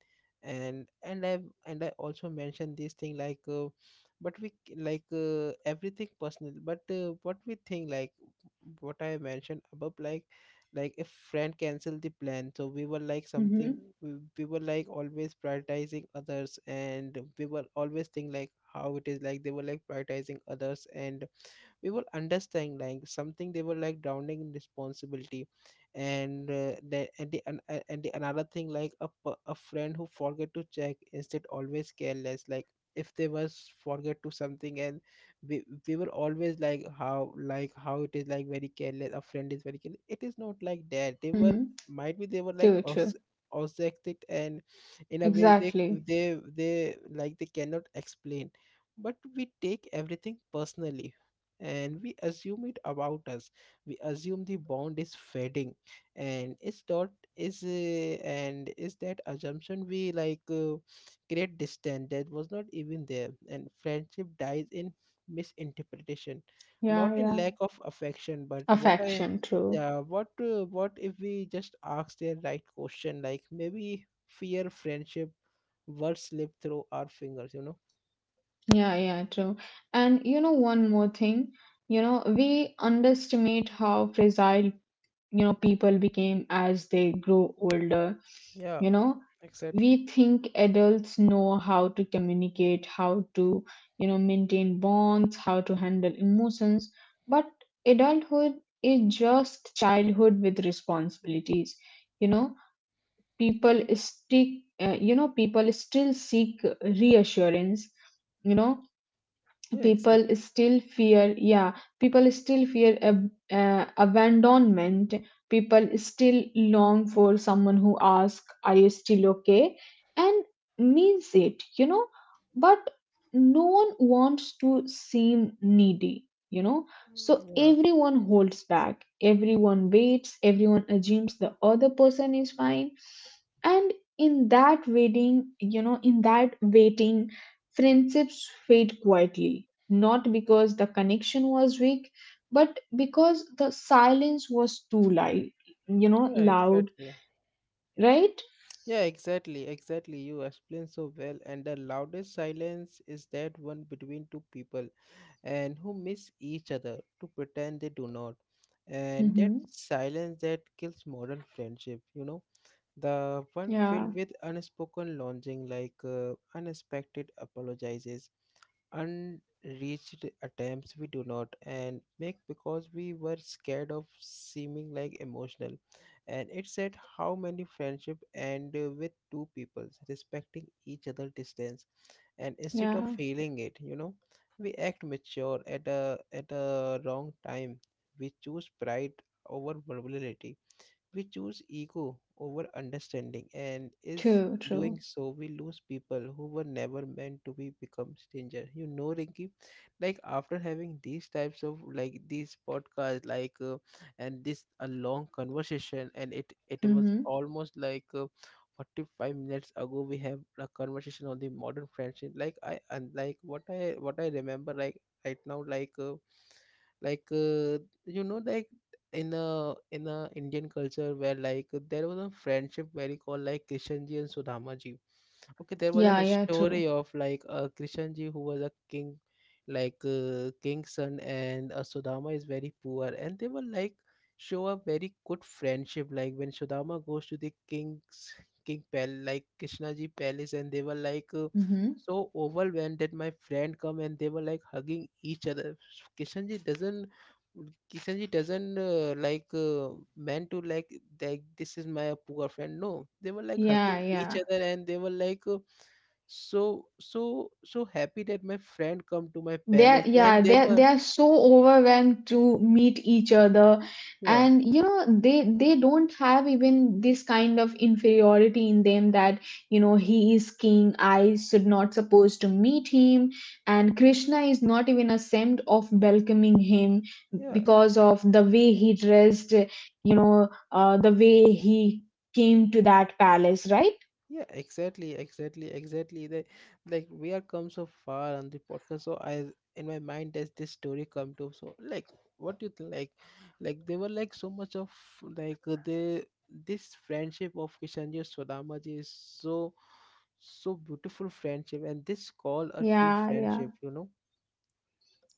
S1: And I and I also mentioned this thing, like but we, like everything personal, but what we think, like what I mentioned above, like if friend canceled the plan, so we were like something,
S2: Mm-hmm.
S1: we were like always prioritizing others, and we were always think like how it is, like they were like prioritizing others. And we will understand like something they were like drowning in responsibility. And the and the an- a- and the another thing, like a friend who forget to check instead always careless. Like if they was forget to something, and we were always like how, like how it is, like very careless, a friend is very careless. It is not like that they were,
S2: Mm-hmm.
S1: might be they were
S2: True,
S1: like
S2: true.
S1: obsessive and in a way
S2: Exactly.
S1: they like they cannot explain. But we take everything personally and we assume it about us, we assume the bond is fading, and it's not. Is that assumption we, like create distance that was not even there. And friendship dies in misinterpretation, not
S2: Yeah,
S1: in
S2: yeah.
S1: lack of affection. But what I
S2: Affection, true.
S1: yeah, what if we just ask the right question? Like maybe fear friendship words slip through our fingers, you know?
S2: Yeah, yeah, true. And you know, one more thing, you know, we underestimate how fragile, you know, people became as they grow older.
S1: yeah
S2: You know,
S1: exactly
S2: we think adults know how to communicate, how to, you know, maintain bonds, how to handle emotions. But adulthood is just childhood with responsibilities. You know, people stick you know, people still seek reassurance, you know,
S1: yeah
S2: people
S1: exactly
S2: still fear yeah people still fear abandonment. People still long for someone who asks, are you still okay, and means it, you know. But no one wants to seem needy, you know.
S1: Mm,
S2: So
S1: yeah.
S2: everyone holds back, everyone waits, everyone assumes the other person is fine. And in that waiting, you know, in that waiting, friendships fade quietly, not because the connection was weak, but because the silence was too light, you know,
S1: Yeah,
S2: loud,
S1: exactly.
S2: right?
S1: Yeah, exactly, exactly. You explained so well. And the loudest silence is that one between two people and who miss each other to pretend they do not. And that
S2: Mm-hmm.
S1: silence that kills modern friendship, you know, the one
S2: Yeah,
S1: filled with unspoken longing, like unexpected apologizes, unreached attempts we do not and make because we were scared of seeming like emotional. And it said how many friendship end with two peoples respecting each other distance, and instead of
S2: yeah,
S1: feeling it, you know, we act mature at a wrong time. We choose pride over vulnerability, we choose ego over understanding, and is
S2: true,
S1: doing
S2: true.
S1: so we lose people who were never meant to be become stranger, you know, Rinki? Like after having these types of, like these podcasts, like and this a long conversation, and it was
S2: Mm-hmm.
S1: almost like 45 minutes ago we have a conversation on the modern friendship. Like I and like what I remember like right now, like you know, like in a Indian culture, where like there was a friendship very called like Krishanji and Sudhamaji. Okay, there
S2: Yeah,
S1: was an
S2: yeah, true.
S1: story of like a Krishanji who was a king, like king's son, and Sudama is very poor, and they were like show a very good friendship. Like when Sudama goes to the king's king pal, like Krishnaji palace, and they were like.
S2: Mm-hmm.
S1: So overwhelmed that my friend come and they were like hugging each other. Kishanji doesn't Kishan ji doesn't like meant to like this is my poor friend. No, they were like hugging
S2: Yeah,
S1: each
S2: yeah.
S1: other and they were like, so so so happy that my friend come to my
S2: They're,
S1: palace
S2: yeah,
S1: and they
S2: they're,
S1: were
S2: they're so overwhelmed to meet each other.
S1: yeah,
S2: And, you know, they don't have even this kind of inferiority in them that, you know, he is king, I should not supposed to meet him. And Krishna is not even ashamed of welcoming him
S1: yeah.
S2: because of the way he dressed, you know, the way he came to that palace, right?
S1: Yeah, exactly, exactly, exactly. Like we are come so far on the podcast, so I in my mind does this story come to? So like, what do you think? Like they were like so much of, like the this friendship of Kishanji and Swadamaji is so so beautiful friendship, and this called a true
S2: Yeah, yeah.
S1: friendship, you know?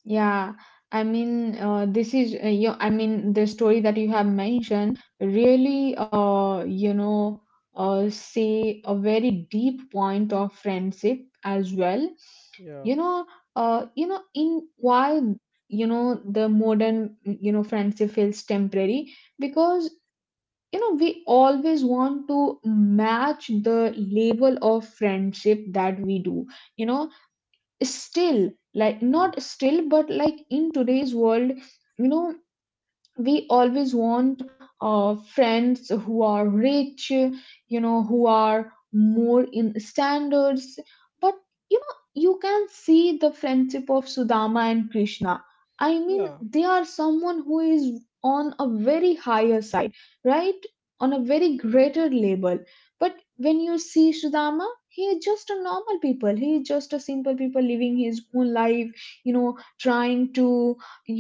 S2: Yeah, I mean, this is you I mean, the story that you have mentioned really, you know, say a very deep point of friendship as well. You
S1: Yeah,
S2: know, you know, in why, you know, the modern, you know, friendship feels temporary because, you know, we always want to match the level of friendship that we do. You know, still like not still but like in today's world, you know, we always want friends who are rich, you know, who are more in standards. But you know, you can see the friendship of Sudama and Krishna. I mean,
S1: yeah,
S2: they are someone who is on a very higher side, right, on a very greater level. But when you see Sudama, he is just a normal people, he is just a simple people living his own life, you know, trying to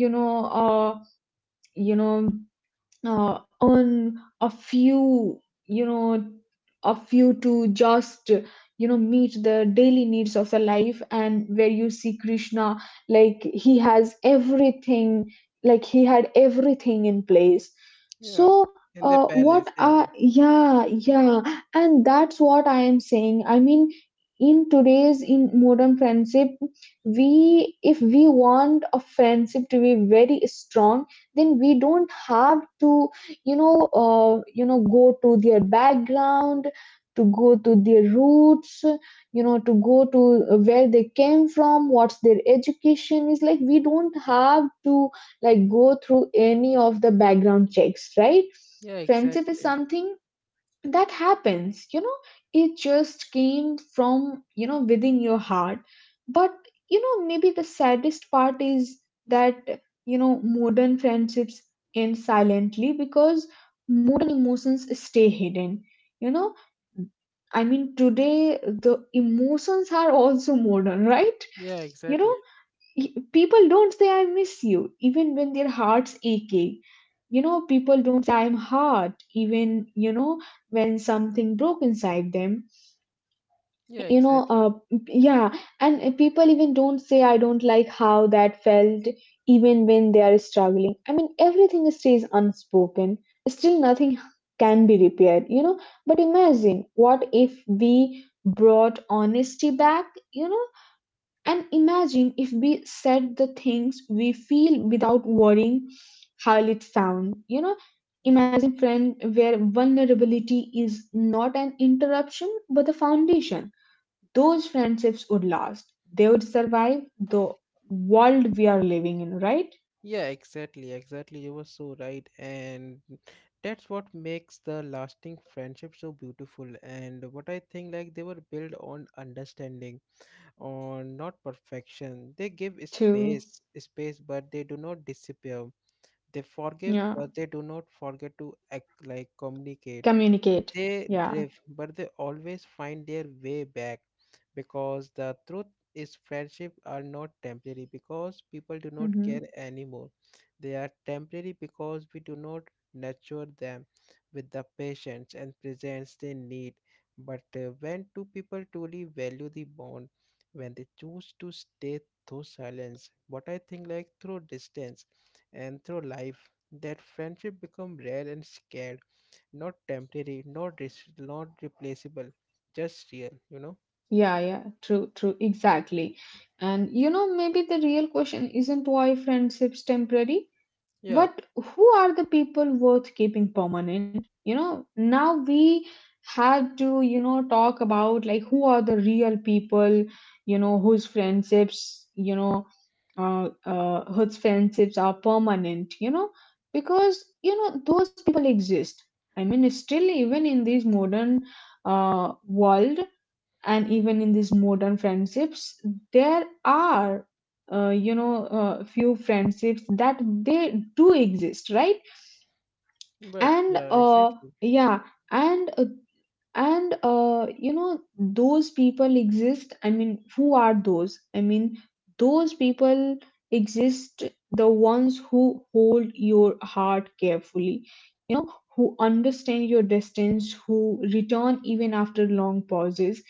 S2: you know uh you know uh, on a few, you know, a few to just, you know, meet the daily needs of the life. And where you see Krishna, like he has everything, like he had everything in place.
S1: yeah.
S2: So
S1: In the palace,
S2: what
S1: yeah,
S2: are, yeah, yeah, and that's what I am saying. I mean, in today's, in modern friendship, we, if we want a friendship to be very strong, then we don't have to, you know, you know, go to their background, to go to their roots, you know, to go to where they came from, what's their education is like. We don't have to like go through any of the background checks, right?
S1: yeah,
S2: Friendship is
S1: exactly,
S2: something that happens, you know, it just came from, you know, within your heart. But you know, maybe the saddest part is that, you know, modern friendships end silently because modern emotions stay hidden, you know. I mean, today the emotions are also modern right?
S1: yeah,
S2: you know
S1: exactly,
S2: y- People don't say I miss you, even when their hearts aching. You know, people don't say I'm hard, even, you know, when something broke inside them.
S1: yeah,
S2: you know
S1: exactly.
S2: uh, yeah. And people even don't say I don't like how that felt, even when they are struggling. I mean, everything stays unspoken, still nothing can be repaired, you know. But imagine what if we brought honesty back, you know, and imagine if we said the things we feel without worrying how it sound. You know, imagine friend where vulnerability is not an interruption but a foundation. Those friendships would last. They would survive the world we are living in, right?
S1: Yeah, exactly, exactly. You were so right, and that's what makes the lasting friendship so beautiful. And what I think, like, they were built on understanding, on not perfection. They give
S2: To
S1: space, space, but they do not disappear. They forgive,
S2: yeah,
S1: but they do not forget to act like communicate.
S2: communicate.
S1: They
S2: Yeah.
S1: drift, but they always find their way back, because the truth is friendship are not temporary because people do not
S2: Hmm.
S1: care anymore. They are temporary because we do not nurture them with the patience and presence they need. But when two people truly value the bond, when they choose to stay through silence, what I think like through distance and through life, that friendship become rare and scared, not temporary, not replaceable, just real, you know?
S2: Yeah, yeah. True, true. Exactly. And you know, maybe the real question isn't why friendships temporary,
S1: Yeah,
S2: but who are the people worth keeping permanent? You know, now we had to, you know, talk about like who are the real people, you know, whose friendships, you know, whose friendships are permanent, you know, because, you know, those people exist. I mean, still, even in this modern world, and even in these modern friendships there are you know, few friendships that they do exist, right?
S1: but
S2: And
S1: yeah, exactly.
S2: yeah. And uh, and uh, you know, those people exist. I mean, who are those? I mean, those people exist, the ones who hold your heart carefully, you know, who understand your distance, who return even after long pauses.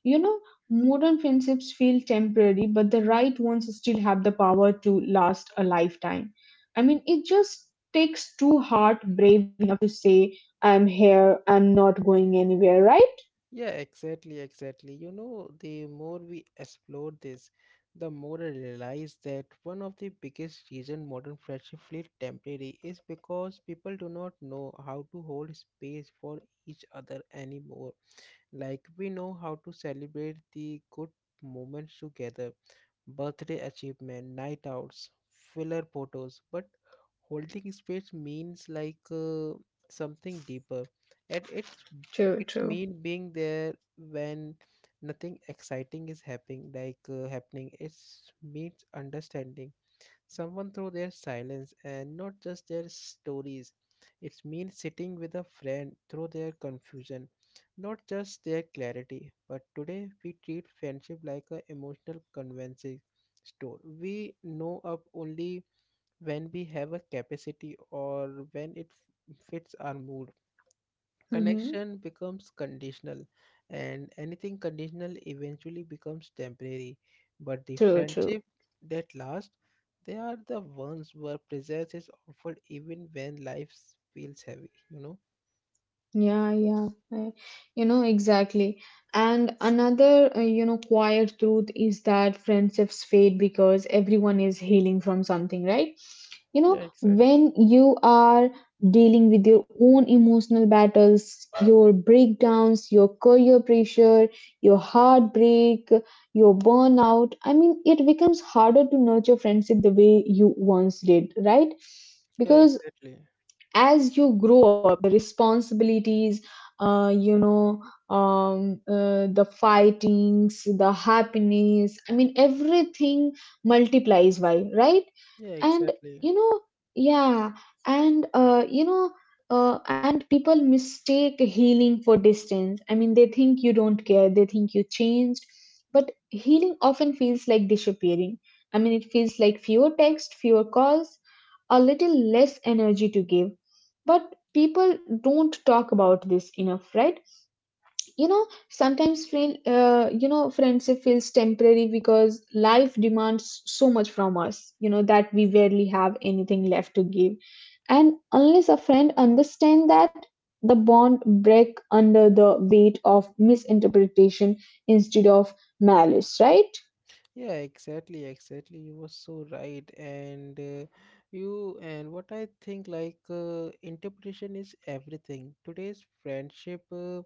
S2: You know, modern friendships feel temporary, but the right ones still have the power to last a lifetime. I mean, it just takes two heart brave enough to say, I'm here, I'm not going anywhere, right?
S1: Yeah, exactly, exactly. You know, the more we explore this, the more I realize that one of the biggest reason modern friendship feel temporary is because people do not know how to hold space for each other anymore. Like we know how to celebrate the good moments together, birthday achievement, night outs, filler photos, but holding space means, like something deeper. And it's
S2: True,
S1: it's
S2: true.
S1: mean being there when nothing exciting is happening, like happening it's means understanding someone through their silence and not just their stories. It means sitting with a friend through their confusion, not just their clarity. But today we treat friendship like an emotional convenience store. We know up only when we have a capacity or when it fits our mood.
S2: Hmm.
S1: Connection becomes conditional, and anything conditional eventually becomes temporary. But the
S2: True, true.
S1: friendship that last, they are the ones where presence is offered even when life feels heavy, you know?
S2: Yeah, yeah, you know, exactly. And another, you know, quiet truth is that friendships fade because everyone is healing from something, right? You
S1: Yeah,
S2: know,
S1: exactly.
S2: when you are dealing with your own emotional battles, your breakdowns, your career pressure, your heartbreak, your burnout, I mean, it becomes harder to nurture friendship the way you once did, right?
S1: Yeah,
S2: Because
S1: exactly.
S2: as you grow up, the responsibilities, you know, the fightings, the happiness, I mean, everything multiplies by, right?
S1: Yeah,
S2: And
S1: exactly.
S2: you know, yeah, and you know, and people mistake healing for distance. I mean, they think you don't care, they think you changed, but healing often feels like disappearing. I mean, it feels like fewer texts, fewer calls, a little less energy to give. But people don't talk about this enough, right? You know, sometimes friend you know, friendship feels temporary because life demands so much from us, you know, that we barely have anything left to give. And unless a friend understands that, the bond break under the weight of misinterpretation instead of malice, right?
S1: Yeah, exactly, exactly. You were so right. And you, and what I think like, interpretation is everything. Today's friendship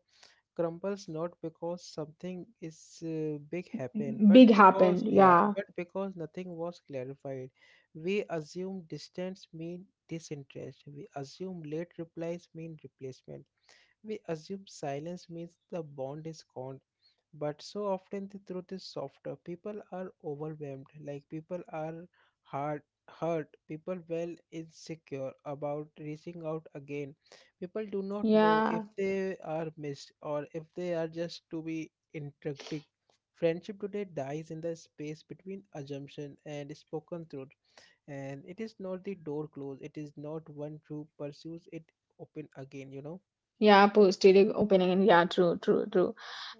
S1: crumbles not because something is big happened, but
S2: Big
S1: because
S2: happened,
S1: yeah,
S2: yeah,
S1: but because nothing was clarified. We assume distance mean disinterest, we assume late replies mean replacement, we assume silence means the bond is gone. But so often the truth is softer. People are overwhelmed, like people are hard, hurt people well insecure about reaching out again, people do not know if
S2: yeah.
S1: they are missed or if they are just to be interacting. Friendship today dies in the space between assumption and spoken truth. And it is not the door closed, it is not one true pursues it open again, you know?
S2: Yeah, posterior opening. Yeah, true, true, true.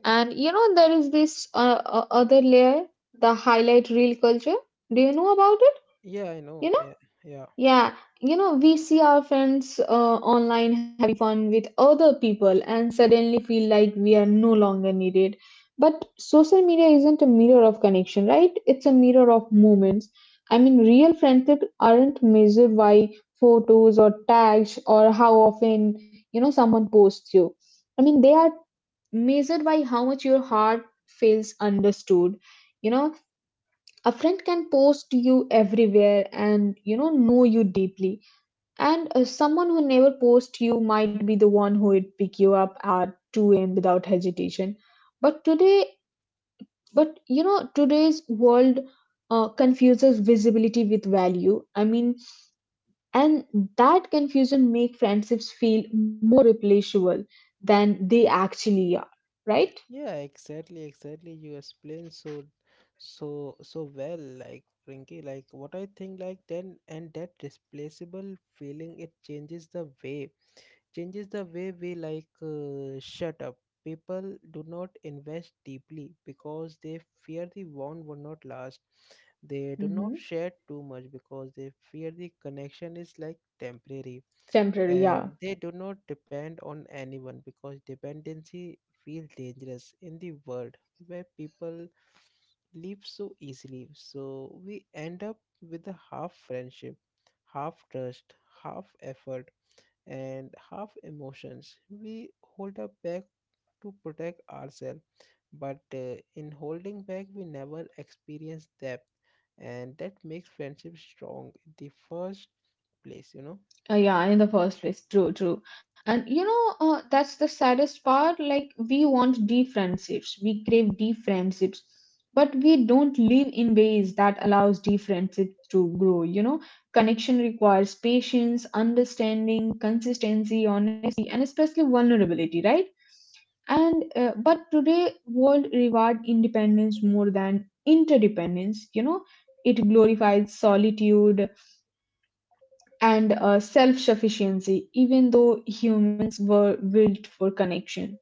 S2: And you know, there is this other layer, the highlight reel culture. Do you know about it?
S1: Yeah, I
S2: You
S1: know,
S2: know?
S1: yeah, yeah.
S2: Yeah, you know, we see our friends online having fun with other people and suddenly feel like we are no longer needed. But social media isn't a mirror of connection, right? It's a mirror of moments. I mean, real friendships aren't measured by photos or tags or how often, you know, someone posts you. I mean, they are measured by how much your heart feels understood. You know, a friend can post you everywhere and, you know you deeply. And someone who never posts you might be the one who would pick you up at 2 a.m. without hesitation. But today, but you know, today's world confuses visibility with value. I mean, and that confusion make friendships feel more replaceable than they actually are, right?
S1: Yeah, exactly, exactly. You explain so, so, so well, like Rinky. Like what I think, like then, and that displaceable feeling, it changes the way we, like shut up. People do not invest deeply because they fear the bond will not last. They do
S2: Hmm.
S1: not share too much because they fear the connection is like temporary.
S2: Temporary, yeah.
S1: And they do not depend on anyone because dependency feels dangerous in the world where people leave so easily. So we end up with a half friendship, half trust, half effort, and half emotions we hold up back to protect ourselves. But in holding back we never experience depth, and that makes friendship strong in the first place, you know?
S2: Yeah, in the first place. True, true. And you know, that's the saddest part. Like, we want deep friendships, we crave deep friendships, but we don't live in ways that allows deep friendships to grow. You know, connection requires patience, understanding, consistency, honesty, and especially vulnerability, right? And but today, world reward independence more than interdependence. You know, it glorifies solitude and self sufficiency, even though humans were built for connection.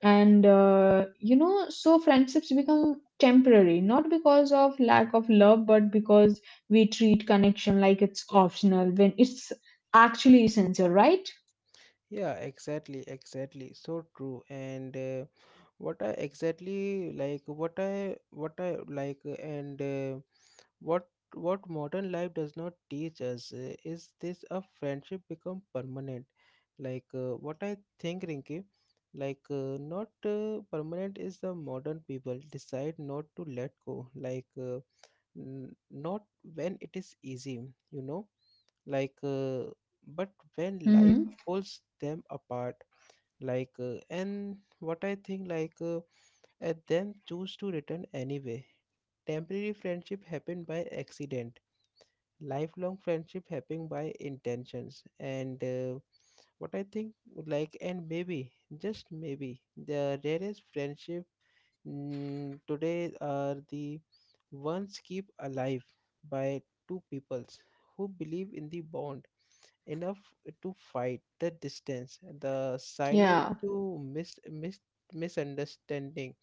S2: And you know, so friendships become temporary, not because of lack of love, but because we treat connection like it's optional when it's actually essential, right?
S1: Yeah, exactly, exactly. So true. And what I exactly, like what I like, and what what modern life does not teach us is this: a friendship become permanent. Like what I think, Rinki, like not permanent is the modern people decide not to let go. Like not when it is easy, you know. Like but when life
S2: Hmm.
S1: pulls them apart, like and what I think, like at them choose to return anyway. Temporary friendship happen by accident, lifelong friendship happen by intentions. And what I think, like, and maybe just maybe the rarest friendship, mm, today are the ones keep alive by two peoples who believe in the bond enough to fight the distance, the silence, to
S2: Yeah.
S1: misunderstanding.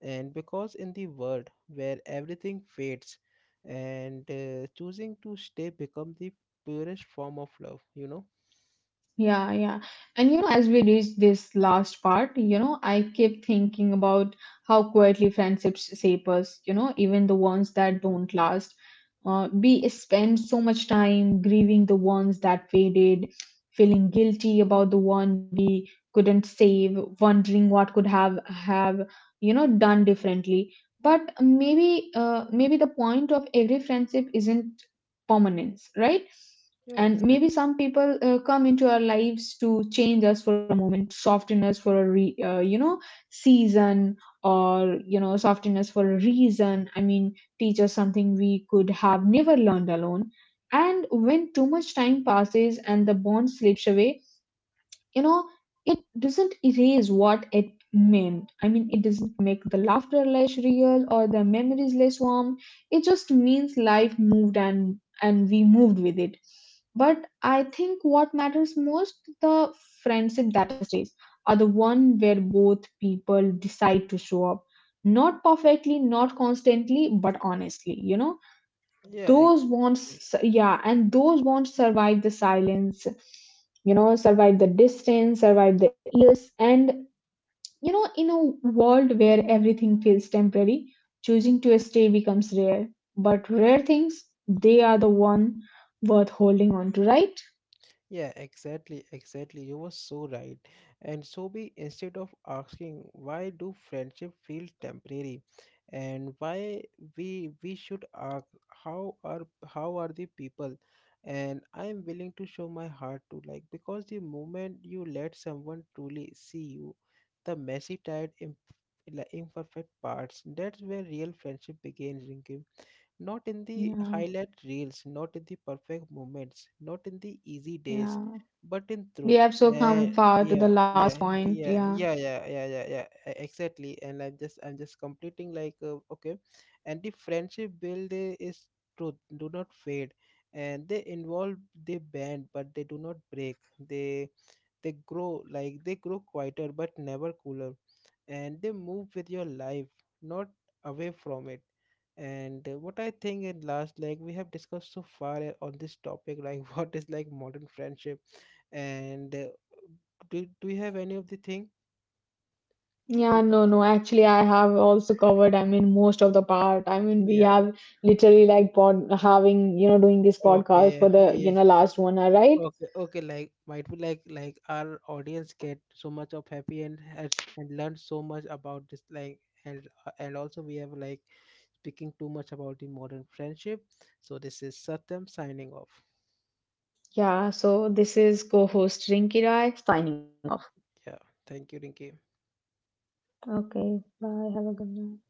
S1: And because in the world where everything fades, and choosing to stay become the purest form of love, you know?
S2: Yeah, yeah. And you know, as we reach this last part, you know, I keep thinking about how quietly friendships shape us, you know, even the ones that don't last. We spend so much time grieving the ones that faded, feeling guilty about the one we couldn't save, wondering what could have, you know, done differently. But maybe the point of every friendship isn't permanence, right?
S1: Yeah,
S2: And maybe
S1: exactly.
S2: some people come into our lives to change us for a moment, soften us for a you know, season, or you know, soften us for a reason. I mean, teach us something we could have never learned alone. And when too much time passes and the bond slips away, you know, it doesn't erase what it meant. I mean, it doesn't make the laughter less real or the memories less warm. It just means life moved and we moved with it. But I think what matters most, the friendship that is, are the one where both people decide to show up, not perfectly, not constantly, but honestly, you know.
S1: Yeah,
S2: Those bonds,
S1: exactly.
S2: yeah, and those bonds survive the silence, you know, survive the distance, survive the years. And you know, in a world where everything feels temporary, choosing to stay becomes rare, but rare things, they are the one worth holding on to, right?
S1: Yeah, exactly, exactly. You were so right. And so be, instead of asking why do friendship feel temporary and why, we should ask how are the people and I am willing to show my heart to, like because the moment you let someone truly see you, the messy tired imperfect parts, that's where real friendship begins, Rinkim, not in the
S2: Yeah,
S1: highlight reels, not in the perfect moments, not in the easy days,
S2: yeah,
S1: but in
S2: we
S1: truth.
S2: have so
S1: Uh,
S2: come far to the
S1: yeah,
S2: last
S1: yeah,
S2: point,
S1: yeah, yeah,
S2: yeah.
S1: yeah, yeah, yeah, yeah, exactly. I'm just completing like, okay, and the friendship build is truth, do not fade, and they involve, they bend, but they do not break. They grow, like they grow quieter but never cooler, and they move with your life, not away from it. And what I think in last, like we have discussed so far on this topic like what is like modern friendship. And do you have any of the thing
S2: Yeah,
S1: to,
S2: no, no, actually, I have also covered, I mean, most of the part. I mean, we
S1: yeah,
S2: have literally like pod having, you know, doing this podcast
S1: okay,
S2: for the
S1: yeah.
S2: you know last 1 hour, right?
S1: Okay, okay, like might be like our audience get so much of happy and has and learn so much about this like. And and also we have like speaking too much about the modern friendship. So this is Satyam signing off.
S2: Yeah, so this is co host Rinki Rai signing
S1: Yeah, thank you, Rinki.
S2: off. Okay, bye. Have a good night.